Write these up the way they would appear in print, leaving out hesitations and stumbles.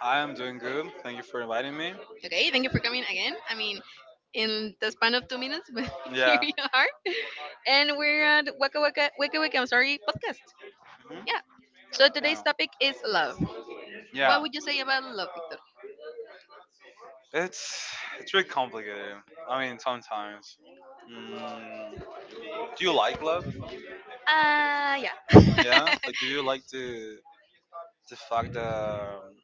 Hi, I'm doing good. Thank you for inviting me. Hey, yeah. Mhm. Yeah. It's it's really complicated. I mean, sometimes. Mm. Do you like love? Yeah. Like, do you like the fact that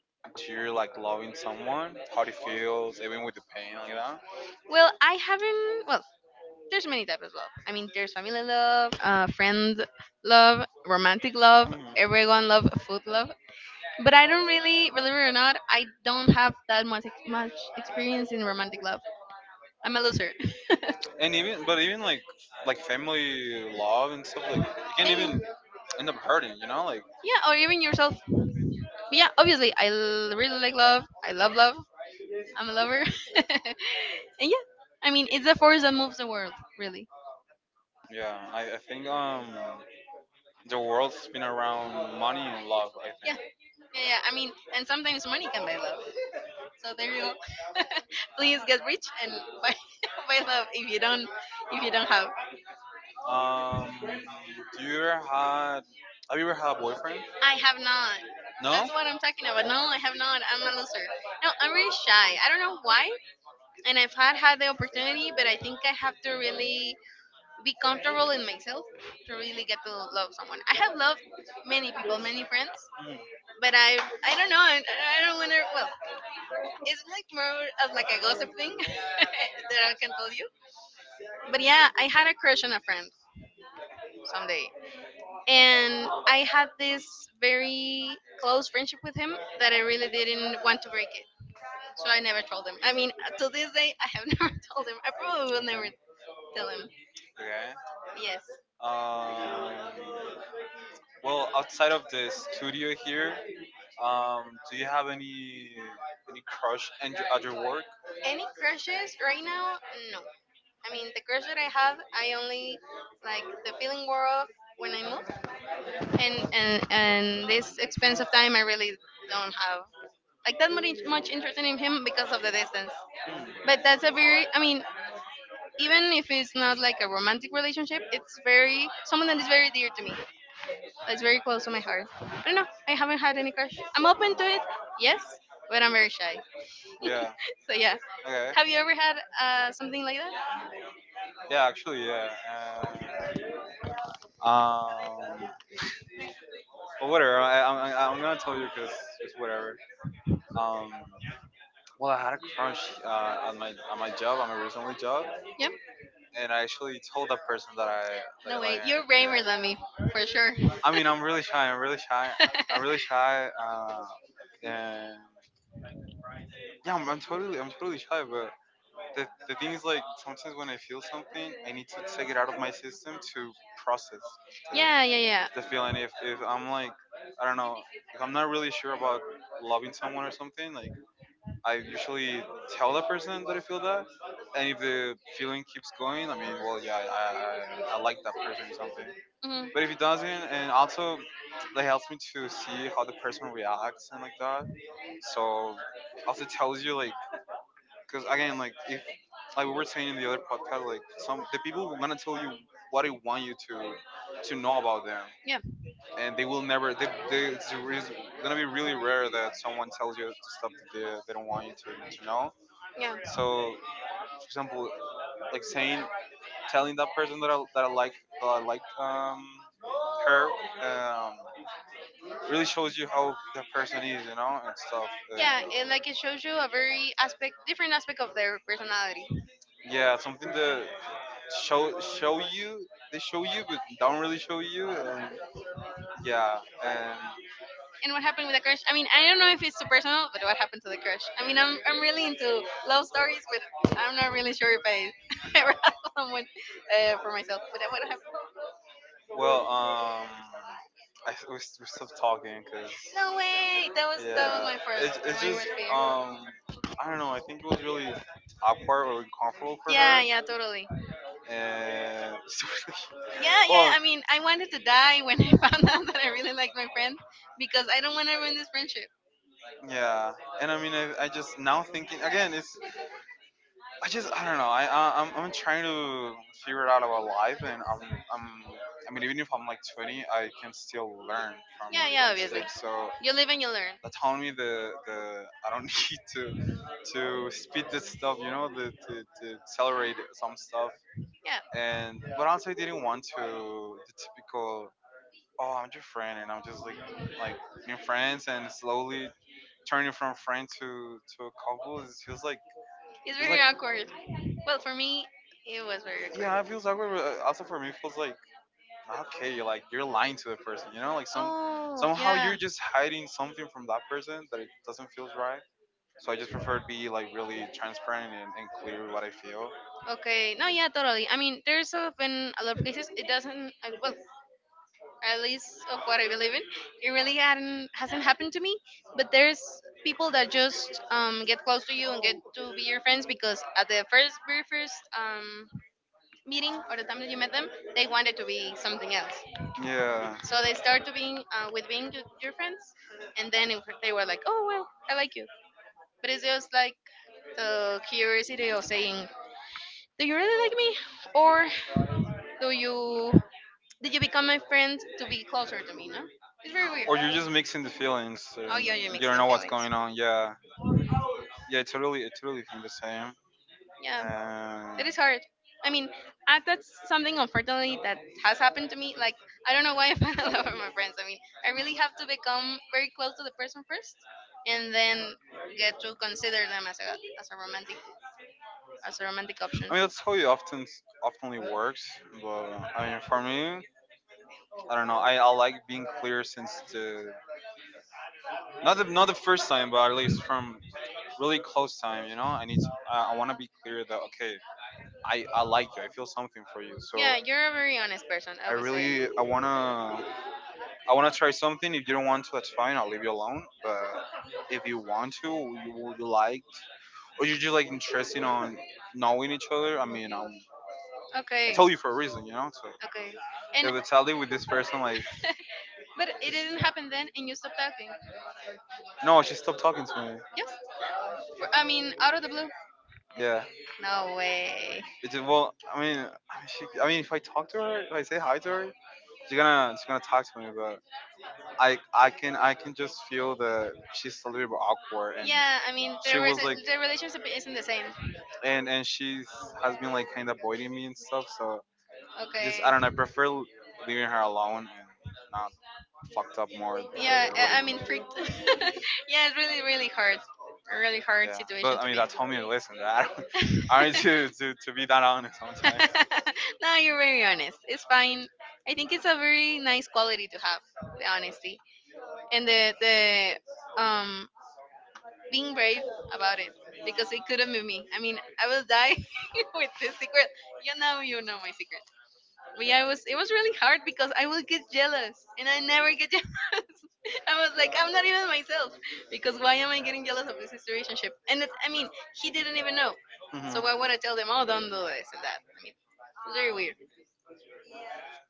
you're like loving someone? How it feels, even with the pain, like that. Mhm. But I don't really, believe it or not, I don't have that much experience in romantic love. I'm a loser. And even, but even like family love and stuff, like you can not even end up hurting, you know, like, yeah, or even yourself. Yeah, obviously, I really like love. I love love. I'm a lover. And yeah, I mean, it's the force that moves the world, really. Yeah, I think the world spins around money and love, I think. Yeah, yeah. I mean, and sometimes money can buy love. So there you and buy love you do. Um, do you ever had? Have you ever had a boyfriend? I have not. No. That's what I'm talking about. No, I have not. No, I'm really shy. I don't know why. And I've had the opportunity, but I think I have to really be comfortable in myself to really get to love someone. I have loved many people, many friends. Mm. But I don't know. I don't want to. Well, it's like more of like a gossip thing that I can tell you. But yeah, I had a crush on a friend someday, and I had this very close friendship with him that I really didn't want to break it. So I never told him. I mean, to this day, I have never told him. I probably will never Okay. Um, well, outside of the studio here, um, do you have any crush and at your work? Like that's not much investment in him because of the distance. But that's a very, I mean, even if it's not like a romantic relationship, it's very someone that is very dear to me. That's very close to my heart. Yes, but I'm very shy. Yeah. So yeah. Okay. Have you ever had something like that? Yeah, actually, yeah. Um, um but whatever. I'm gonna tell you because it's whatever. Um, Well, I had a crunch at my job, at my original job, and I actually told that person that I like her. Yeah. I mean, I'm really shy. I'm really shy. I'm really shy. And yeah, I'm totally shy. But the thing is, like, sometimes when I feel something, I need to take it out of my system to process the the feeling. If I'm like, I don't know, if I'm not really sure about loving someone or something, like I usually tell that person that I feel that, and if the feeling keeps going, I mean, well, yeah, I like that person or something. But if it doesn't, and also that helps me to see how the person reacts and like that. So also tells you like, because again, like if like we were saying in the other podcast, like some the people will gonna tell you what they want you to know about them and they will never. Gonna be really rare that someone tells you the stuff that they don't want you to know. So, for example, like saying, telling that person that I like that I liked her. um, really shows you how that person is, you know, and stuff. And yeah, something that show you they show you but don't really show you, and yeah, and And what happened with the crush? I mean, I don't know if it's too personal, but what happened to the crush? I mean, I'm really into love stories, but I'm not really sure if I ever had someone for myself. But what happened? Well, we stopped talking because, no way! That was yeah, my first it's just, um, I don't know, I think it was really awkward or uncomfortable for yeah, her. Yeah, totally and so like, yeah, yeah. Well I mean, I wanted to die when I found out that I really like my friend because I don't want to ruin this friendship. Yeah, and I mean I just now thinking again it's I just I don't know. I'm trying to figure it out about life, and I'm I mean even if I'm like 20, I can still learn from mistakes. So that telling me the I don't need to speed this stuff, you know, the, to accelerate some stuff. And but also I didn't want to the typical oh I'm your friend and I'm just like in friends and slowly turning from friend to a couple. It feels like it's very like, awkward. But for me, it was very yeah, it feels awkward. But also for me, it feels like okay, you're like you're lying to the person. You know, like some oh, somehow yeah, you're just hiding something from that person that it doesn't feel right. So I just prefer to be like really transparent and clear what I feel. Okay. No, yeah, totally. I mean, there's been a lot of cases it doesn't. I mean, what at least of what I live in, it really hasn't happened to me. But there's people that just get close to you and get to be your friends because at the first very first meeting or the time that you met them, they wanted to be something else. Yeah. So they start being with being your friends, and then it, they were like, "Oh, I like you," but it's just like the curiosity of saying, "Do you really like me, or do you?" No? Or you're just mixing the feelings. Oh and yeah, yeah, you don't know what's going on. Yeah, yeah. It's really think the same. Yeah. It is hard. I mean, that's something unfortunately that has happened to me. Like I don't know why I fall in love with my friends. I mean, I really have to become very close to the person first, and then get to consider them as a romantic. I mean, that's how it oftenly works. But I mean, for me. I don't know. I like being clear since the not the first time, but at least from really close time. You know, I need to. I want to be clear that okay, I like you. I feel something for you. So I really I wanna I wanna try something. If you don't want to, that's fine. I'll leave you alone. But if you want to, you liked, or you're just like interested on knowing each other. I mean, I told you for a reason. You know, so if it's tally with this person, like. No, she stopped talking to me. Yeah. It just, well, I mean, I mean, if I talk to her, if I say hi to her, she's gonna talk to me. But I can just feel that she's a little bit awkward, and she was like, and she has been like kind of avoiding me and stuff. So just okay. I okay, don't know. I prefer leaving her alone and not fucked up more. To yeah, to what mean, yeah, it's really, really hard. Really hard yeah, to do. But I mean that's homie. Listen, I don't, I mean to be that honest sometimes. No, you're very honest. It's fine. Um, being brave about it because it couldn't be me. I mean, I will die. With the secret. You know, you know. Yeah, it was really hard because I would get jealous and I never get jealous. I was like, I'm not even myself because why am I getting jealous of this relationship? And it, I mean, he didn't even know. So why would I tell them? Oh, don't do this. Like, very weird.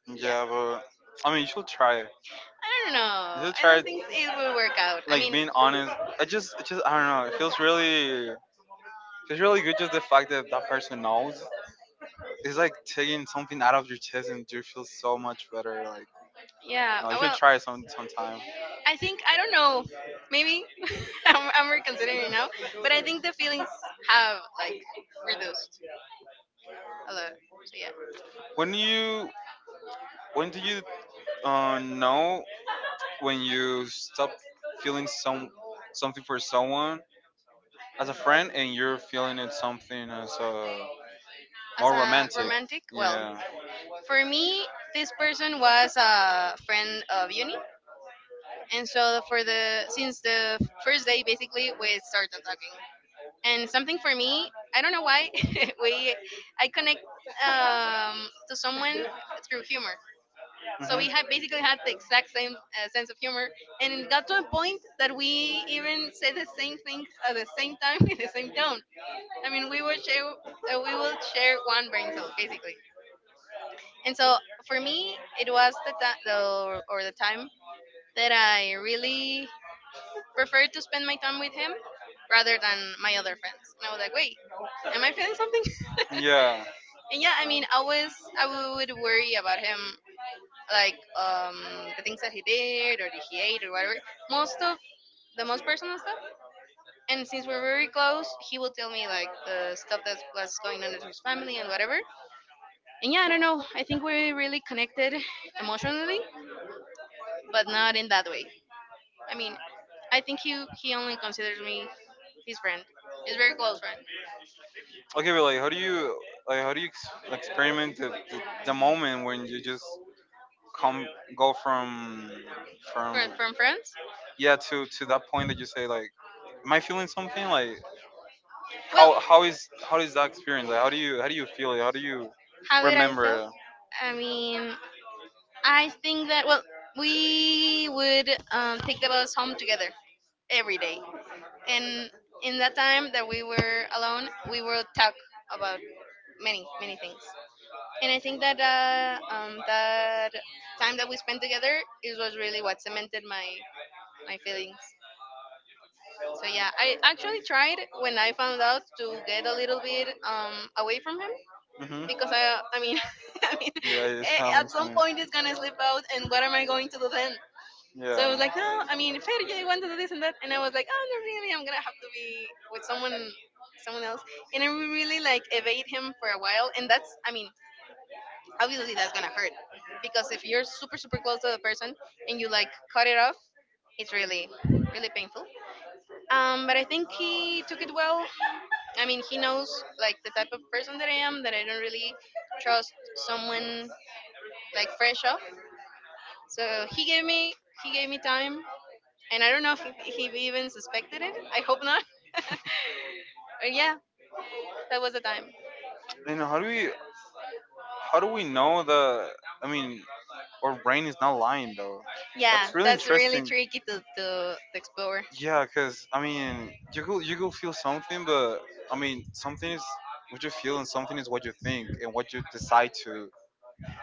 Mhm. Yeah, but I mean, you should try it. I don't know. You should I try it. Think it'll work out. Like being honest. I just, it just, I don't know. Feels really good just the fact that that person knows. It's like taking something out of your chest and you feel so much better. Like no, you should try it sometime. When you when do you know when you stop feeling something for someone as a friend, and you're feeling it something as a more romantic? Yeah. And so for the since the first day basically we started talking. And something for me, I don't know why, we I connect to someone through humor. So we have basically had the exact same sense of humor, and got to a point that we even say the same things at the same time in the same tone. I mean, we would share one breakfast basically. And so for me, it was the time that I really prefer to spend my time with them rather than my other friends. And I was like, wait, am I feeling something? Yeah. And yeah, I mean, I was I would worry about them, like things that we did or we ate or whatever. Most stuff, the most personal stuff. And since we're very close, he will tell me like the stuff that was going on with his family and whatever. And yeah, I don't know. I think we're really connected emotionally, but not in that way. I mean, I think he only considers me his friend, his very close friend. Okay, but like, how do you like how do you experiment the moment when you just come go from yeah to that point that you say like, am I feeling something? Like, how how is that experience? Like, how do you feel it? How do you remember it? I think that, well, we would think about us home together every day, and in that time that we were alone, we were talk about many many things, and I think that the time that we spent together, it was really what cemented my feelings. So yeah, I actually tried when I found out to get a little bit away from her because I mean I mean. Yeah, it at happens to some me. Point it's gonna slip out and what am I going to do then? So I, yeah, was like, oh, I mean, if I really want to do this, but and I was like, I don't really, I'm gonna have to be with someone and someone else. And I really like evade him for a while, and that's, I mean, obviously that's gonna hurt because if you're super super close to the person and you like cut it off, it's really really painful. But I think he took it well. I mean, he knows like the type of person that I am, that I don't really trust someone like fresh up. So he gave me time, and I don't know if he even suspected it. I hope not. But yeah, that was the time. Then how do we know the? I mean, our brain is not lying though. Yeah, that's really interesting. Critical to explore. Yeah, cause I mean, you could feel something, but I mean, something is what you feel and something is what you think and what you decide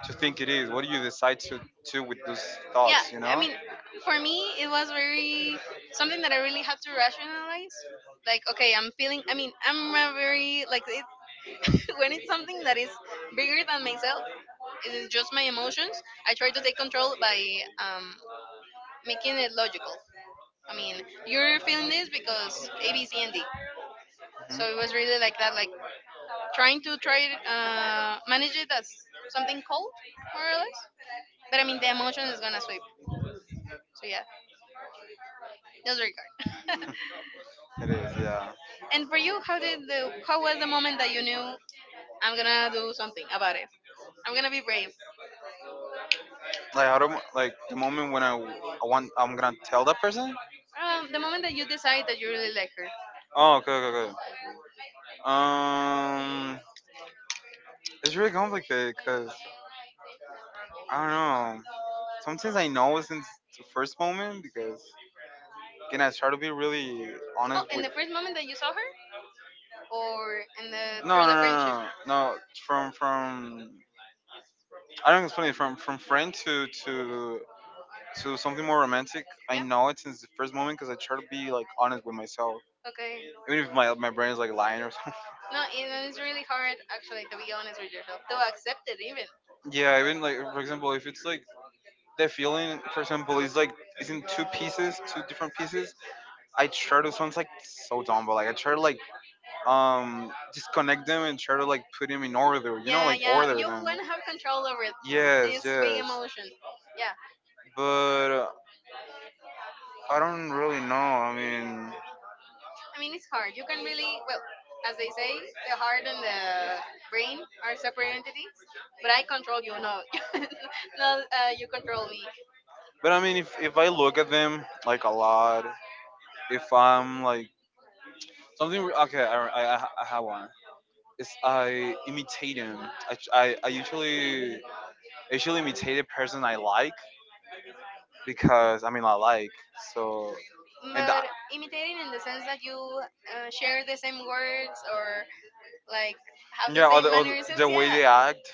to think it is? What do you decide to do with those thoughts? You know? Mhm. Gonna be the emotion is gonna sweep. So yeah, just it is, yeah. And for you, how did how was the moment that you knew I'm gonna do something about it? I'm gonna be brave. Like how do like the moment when I'm gonna tell that person. The moment that you decide that you really like her. Oh, okay, okay, okay. Um, it's really complicated because I don't know. Sometimes I know since the first moment because can I try to be really honest with? No, no, no, no, no, no. No, from I don't explain it. From friend to something more romantic. I know it since the first moment because I try to be like honest with myself, even if my brain is like lying or something. Yeah, even like for example, if it's like the feeling, for example, is like it's in two pieces, two different pieces. I try to sounds like so dumb, but like I try to like disconnect them and try to like put them in order. You know, like order them. Yes, yes. But I don't really know. I mean, but I mean, if I look at them like a lot, if I'm like something. Okay, I have one. Is I imitate him. I usually imitate a person I like because I mean I like so and I, yeah or the way they act.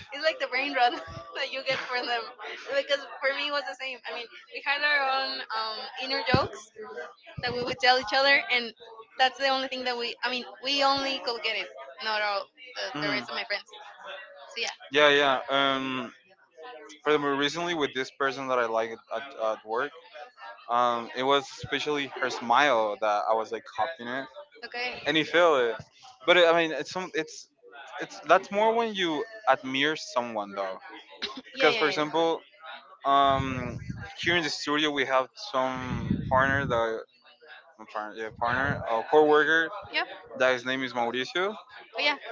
Mhm. Yeah, yeah. Furthermore, recently with this person that I like at work, it was especially her smile that I was like copying it, and you feel it. But it, I mean, it's that's more when you admire someone though, because for example, um, here in the studio we have some partner, a coworker that his name is Mauricio,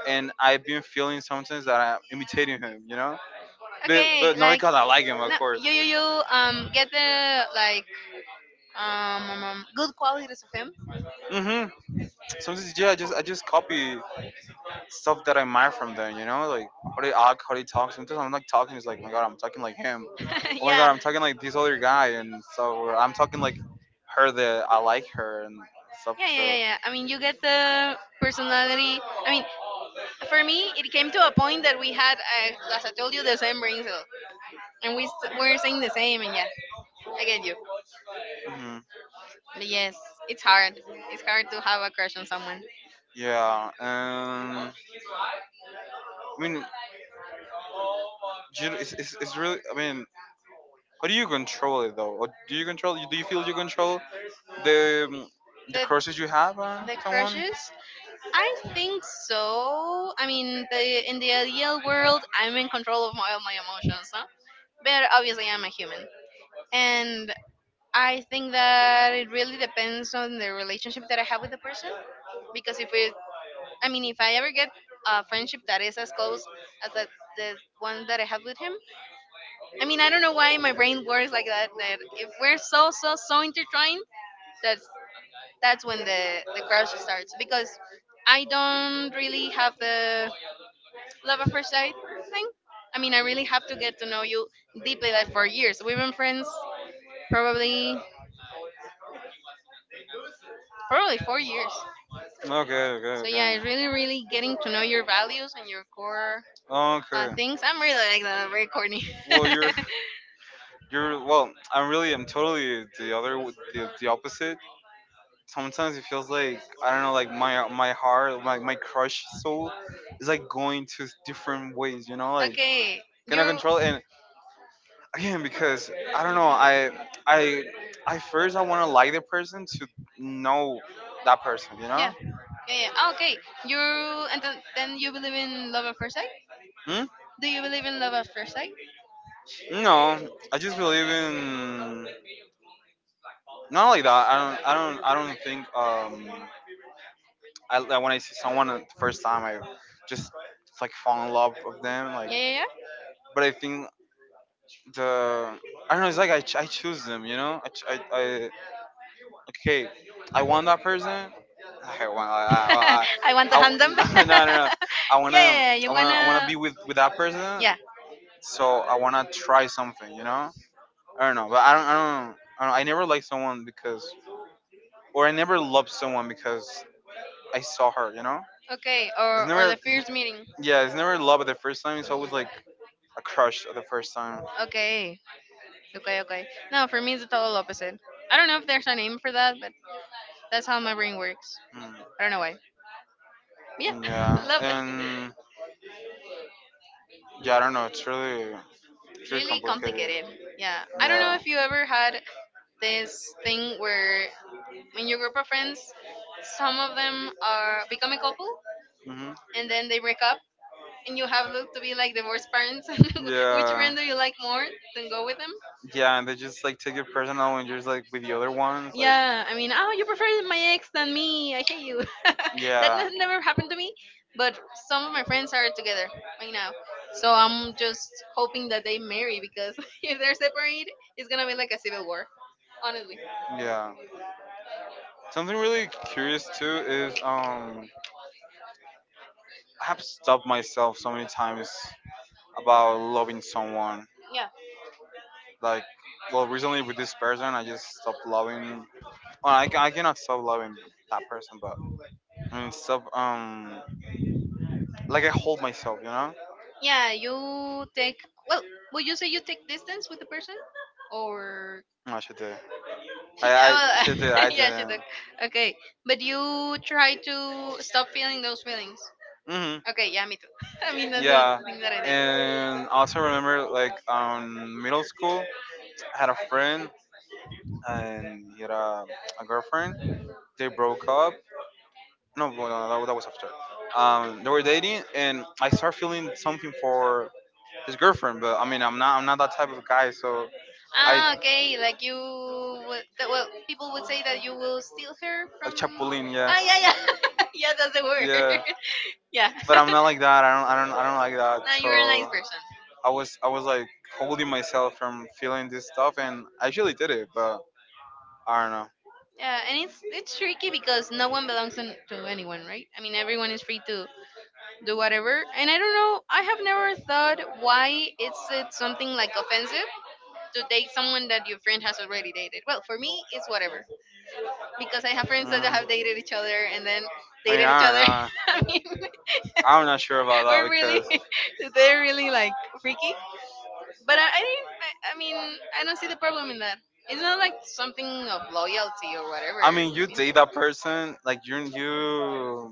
and I've been feeling sometimes that I'm imitating him, you know, but no, because I like him, of course. Mm-hmm. Sometimes yeah, I just copy stuff that I admire from them. You know, like how they act, how they talk. Sometimes I'm like talking, it's like, "Oh my God, I'm talking like him. Oh my God, I'm talking like this other guy, and so or I'm talking like her that I like her and stuff too. For me, came to a point that we had, as I told you, the same birthday, and we were saying the same related. Mhm. Yes, it's hard. It's hard to have a crush on someone. Yeah. I mean, it's really. I mean, how do you control it though? Or do you control? Do you feel you control the The crushes you have on the someone? Crushes, I think so. I mean, in the ideal world, I'm in control of all my emotions, but obviously I'm a human. And I think that it really depends on the relationship that I have with the person. Because if it, I mean, if I ever get a friendship that is as close as that, the one that I have with him, I mean, I don't know why my brain works like that. Like, we're so, so, so intertwined that that's when the grocery starts because I don't really have the love at first sight thing. I mean, I really have to get to know you deeply, like for years. We've been friends probably 4 years. Okay, okay, so yeah, okay, it's really, really getting to know your values and your core okay, things. I'm really like that. I'm very corny. Well, you're well. I'm totally the other the opposite. Sometimes it feels like I don't know, like my heart, like my crush soul, is like going to different ways. You know, like cannot control it. And again, because I don't know, I I first I want to like the person to know that person. You know. Hmm? No, I just believe in not like that. I don't. I don't. I don't think. I like when I see someone the first time, I just like fall in love with them. Like, but I think the I don't know. It's like I choose them. You know, I okay, I want that person. I want I no, no no. No. I wanna I wanna be with that person. So I wanna try something. You know, I don't know, but I never like someone because or I never love someone because I saw her, you know? Okay, it's never, on yeah, it's never love at the first time. It's always like a crush at the first time. Okay, okay, okay. No, for me it's probably opposite. I don't know if there's a name for that. That's how memory works. I Mm. Yeah, and yeah, I don't know. It's really, it's really really complicated. Yeah. I yeah, this thing where in your group of friends, some of them are become couple, hmm and then they break and you have looked to be like the worst parents which yeah. render you like more to go with them. Yeah, and they just like take it personal when you're just like with the other ones, like yeah I mean oh you prefer my ex than me like that yeah. Has never happened to me, but some of my friends are together right now, so I'm just hoping that they marry, because if they're separate, it's gonna be like a civil war, honestly. Yeah. Something really curious too is I have stopped myself so many times about loving someone. Like, well, recently with this person, I just stopped loving. Well, I cannot stop loving that person, but I mean, stop. Like I hold myself, No, she did. I she did. I didn't. Hmm. Yeah, and also remember like middle school. I had a friend, and he had a girlfriend. They broke up. No, no, no, that was after. They were dating, and I started feeling something for his girlfriend. But I mean, I'm not that type of guy. So I, like Chapulin, yeah, yeah. But I'm not like that. I don't like that. So I was like holding myself from feeling this stuff, and I actually did it. But I don't know. Yeah, and it's tricky because no one belongs on, to anyone, right? I mean, everyone is free to do whatever. And I don't know. I have never thought why it's something like offensive to date someone that your friend has already dated. Well, for me, it's whatever, because I have friends that, mm, have dated each other, and then I they mean, date I don't friends. Know. Just like, I mean, I'm not sure about they're that really, because they're really like tricky. But I mean, and that's the problem in that it's not like something of loyalty. I mean, you date that person, like you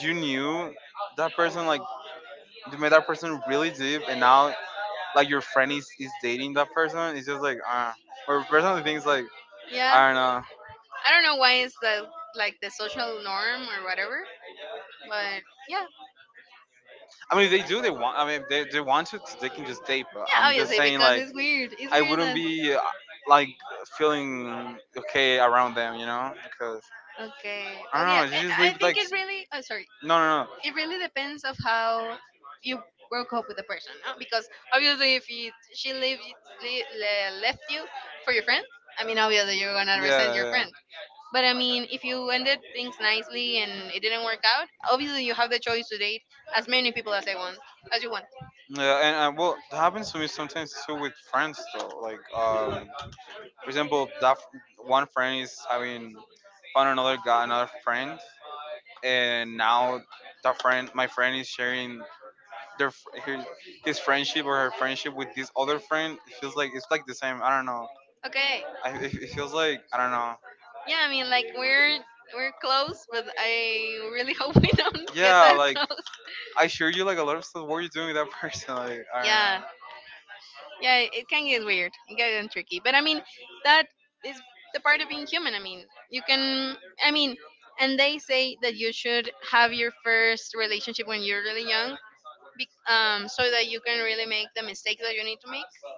you knew that person, like you met that person really deep, and now like your friend is dating that person. It's just like, or personally things like, yeah, I don't know. I don't know why it's the like the social norm and whatever. I mean, if they do. They want. I mean, if they want to. They can just date. But I'm just saying, like, I wouldn't be like feeling okay around them, you know, because I don't know. You just leave like. S- no, no, no. Yeah, yeah. But I mean, if you ended things nicely and it didn't work out, obviously you have the choice to date as many people as I want, as you want. Yeah, and well, it happens to me sometimes too with friends though. Like, for example, that one friend is having found another guy, another friend, and now that friend, my friend is sharing their fr- her, his friendship or her friendship with this other friend. It feels like it's like the same. I don't know. It feels like I don't know. Yeah, like I share you like a lot of stuff. What are you doing with that person? Like I don't know.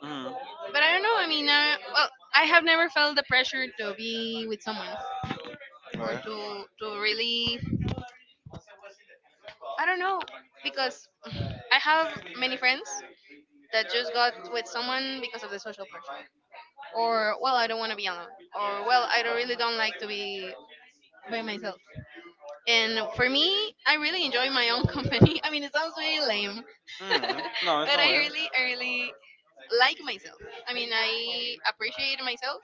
Mhm. Okay. One, because of the social pressure. Or, well, I don't want to be alone. I really don't like by I really, I mean, it sounds very lame. Mm, no, it's but not I lame. Really, I really like myself. I mean, I appreciate myself,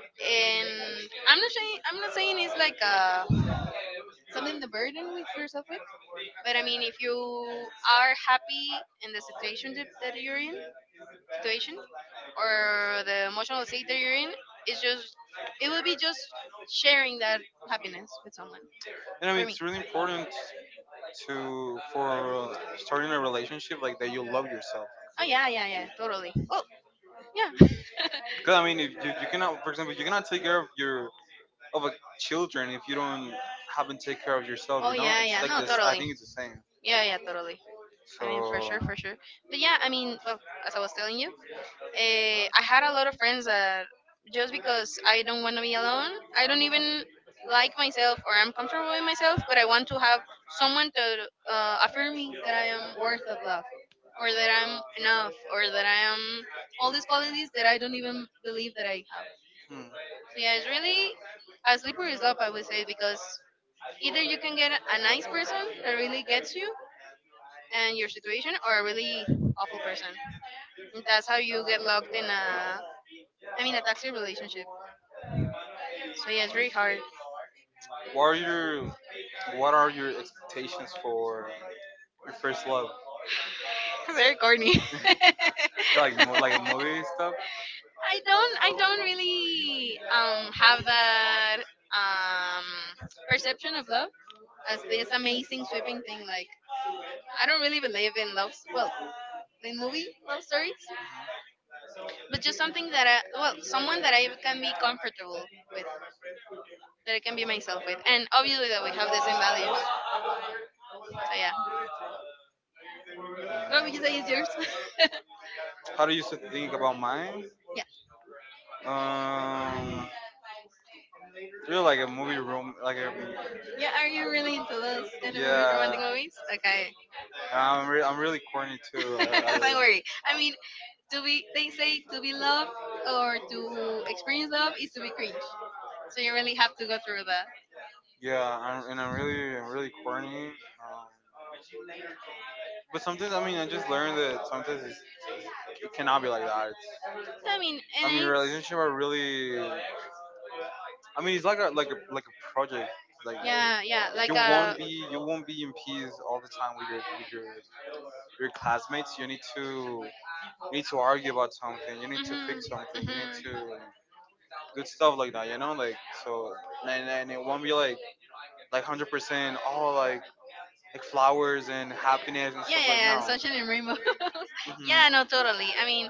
and I'm not saying it's like something the burden for something, but I mean, if you are happy in the situation that you're in, stage or the emotional state that you're in, it's just it will be just sharing that happiness with someone. And I mean, it's really important to for starting a relationship like that. You love yourself. Oh yeah, yeah, yeah, totally. Because I mean, if you, you cannot, for example, you cannot take care of your of a children if you don't haven't take care of yourself. Oh, you know, yeah, yeah, it's no, like no, this. I totally. Think it's the same. Yeah, yeah. So but yeah, I mean, well, as I was telling you, I had a lot of friends that, just because I don't want to be alone, I don't even like myself or I'm comfortable with myself, but I want to have someone to affirm me that I am worth of love, or that I'm enough, or that I am all these qualities that I don't even believe that I have. Hmm. Yeah, it's really a slippery slope, I would say, because either you can get a nice person that really gets you and your situation, or a really awful person. That's how you get loved in a, I mean, a toxic relationship. So yeah, it's hard. What are your What are your corny. Yeah, like I don't. Um, Kind of love thing. Like, I don't really believe in love. In movie love stories that I can myself with, and obviously that we have the same values. So yeah. No, you say it's yours. How do you think about mine? Yeah. Really like a movie room, like a. Yeah, are you really into those? Kind of romantic, yeah, movies? Okay. I'm really corny too. Okay. Don't worry. I mean, to be, they say to be loved or to experience love is to be cringe. So you really have to go through that. Yeah, I'm really corny. Um, but sometimes I mean I just learned that sometimes it's it cannot be like that. It's I mean, I and mean then relationship are really I mean it's like a like a project. Like yeah, yeah, like you a won't be you won't be in peace all the time with your classmates. You need to argue about something. You need to fix something. You need to good stuff like that. You know, like so and it won't be like 100% all like flowers and happiness and yeah, stuff yeah, like yeah, no. Sunshine and rainbow. Yeah, no, totally. I mean,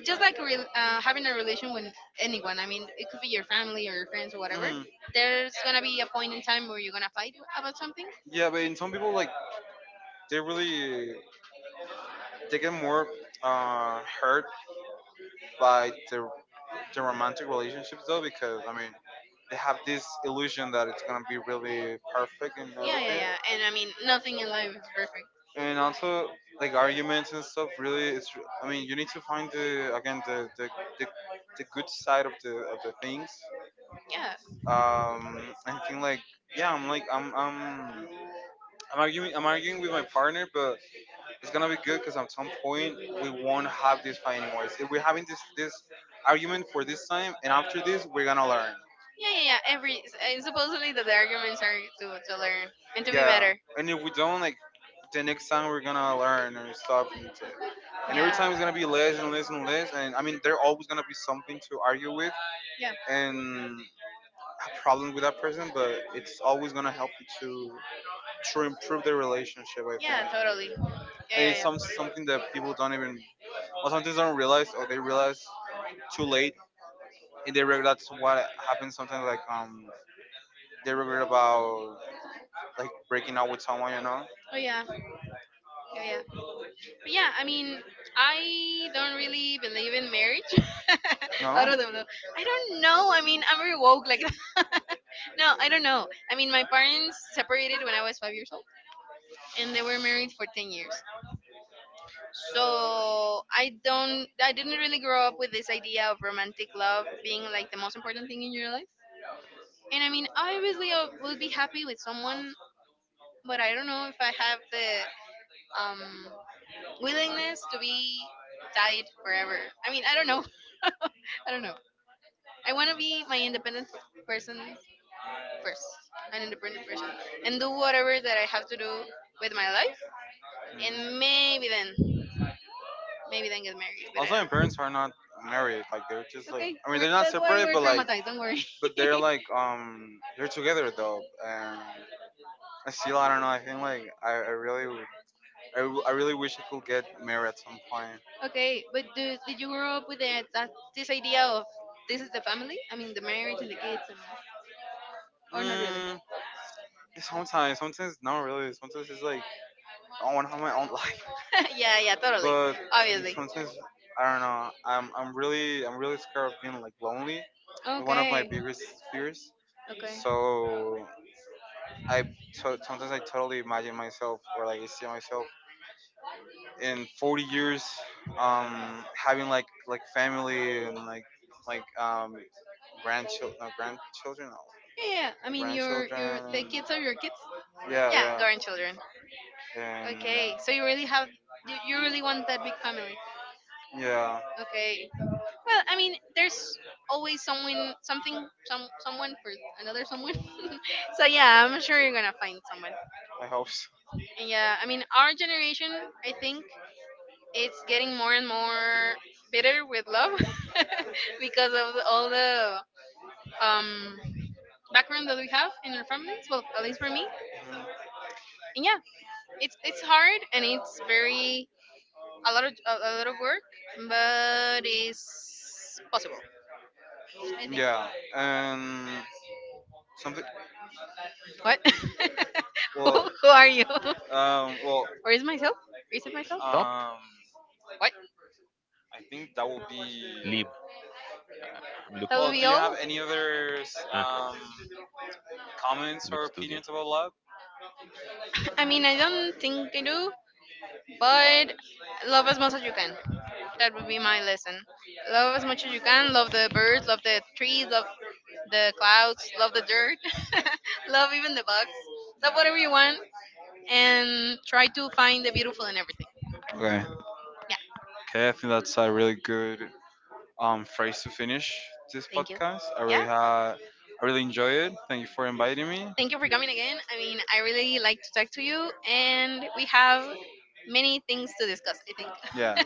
just like having a relation with anyone. I mean, it could be your family or your friends or whatever. Mhm. There's gonna be a point in time where you're gonna fight about something. Yeah, but in some people like they really they get more hurt by the romantic relationships, though, because I mean they have this illusion that it's gonna be really perfect and yeah, everything, and I mean, nothing in life is perfect. And also like arguments and stuff. Really, it's I mean you need to find the again the, the, the good side of the things. I think like yeah, I'm arguing with my partner, but it's gonna be good because at some point we won't have this fight anymore. If we're having this argument for this time, and after this we're gonna learn. Yeah, and if we don't, like the next time we're gonna learn and stuff, and, t- and every time it's gonna be less and less and less. And I mean, there always gonna be something to argue with and a problem with that person, but it's always gonna help you to improve the relationship. I think and it's some something that people don't even or sometimes don't realize or they realize too late and they regret. That's what happens sometimes, like they regret about like breaking out with someone, you know. Oh yeah, yeah. Yeah. But yeah, I mean, I don't really believe in marriage. No, I don't know. I mean, I'm very woke like that. No, I don't know. I mean, my parents separated when I was 5 years old, and they were married for 10 years. So I don't, I didn't really grow up with this idea of romantic love being like the most important thing in your life. And I mean, obviously, I will be happy with someone, but I don't know if I have the um, willingness to be tied forever. I mean, I don't know. I don't know. I want to be my independent person first, an independent person, and do whatever that I have to do with my life, and, mm, maybe then. Also, my parents are not married. Like they're just like I mean they're not separate, but like but they're like they're together though. And I still I don't know. I think like I really I really wish I could get married at some point. Mm, sometimes not really. Sometimes it's like own have my own life. Yeah, yeah, totally. But obviously. Sometimes I don't know. I'm really scared of being like lonely. One of, okay, my biggest fears. Okay. So I sometimes I totally imagine myself or like I see myself in 40 years, having like family and like grandchildren, no grandchildren, no, yeah, yeah. I mean, your grandchildren. The grandchildren. Kids are your kids. Yeah, yeah, yeah, and okay, and so you really have, you really want that newcomer. Yeah, okay. Well, I mean, there's always someone, something, someone for you, another someone. So yeah, I'm sure you're gonna find I hope so. It. Yeah, I mean, our generation, I think it's getting more and more bitter with love because of all the um, background that we have in our families. Well, at least yeah, it's hard and it's very a lot of work, but it's yeah, and something. Who are you? Where is myself? Stop, um, I think that would leave. would. I'm looking. Well, would have Ah, other comments leave or studio. opinions about love? To do my lesson. Okay. Okay, I think that's a really good phrase to finish this podcast. I really had I really enjoy it. Thank you for inviting me. Yeah.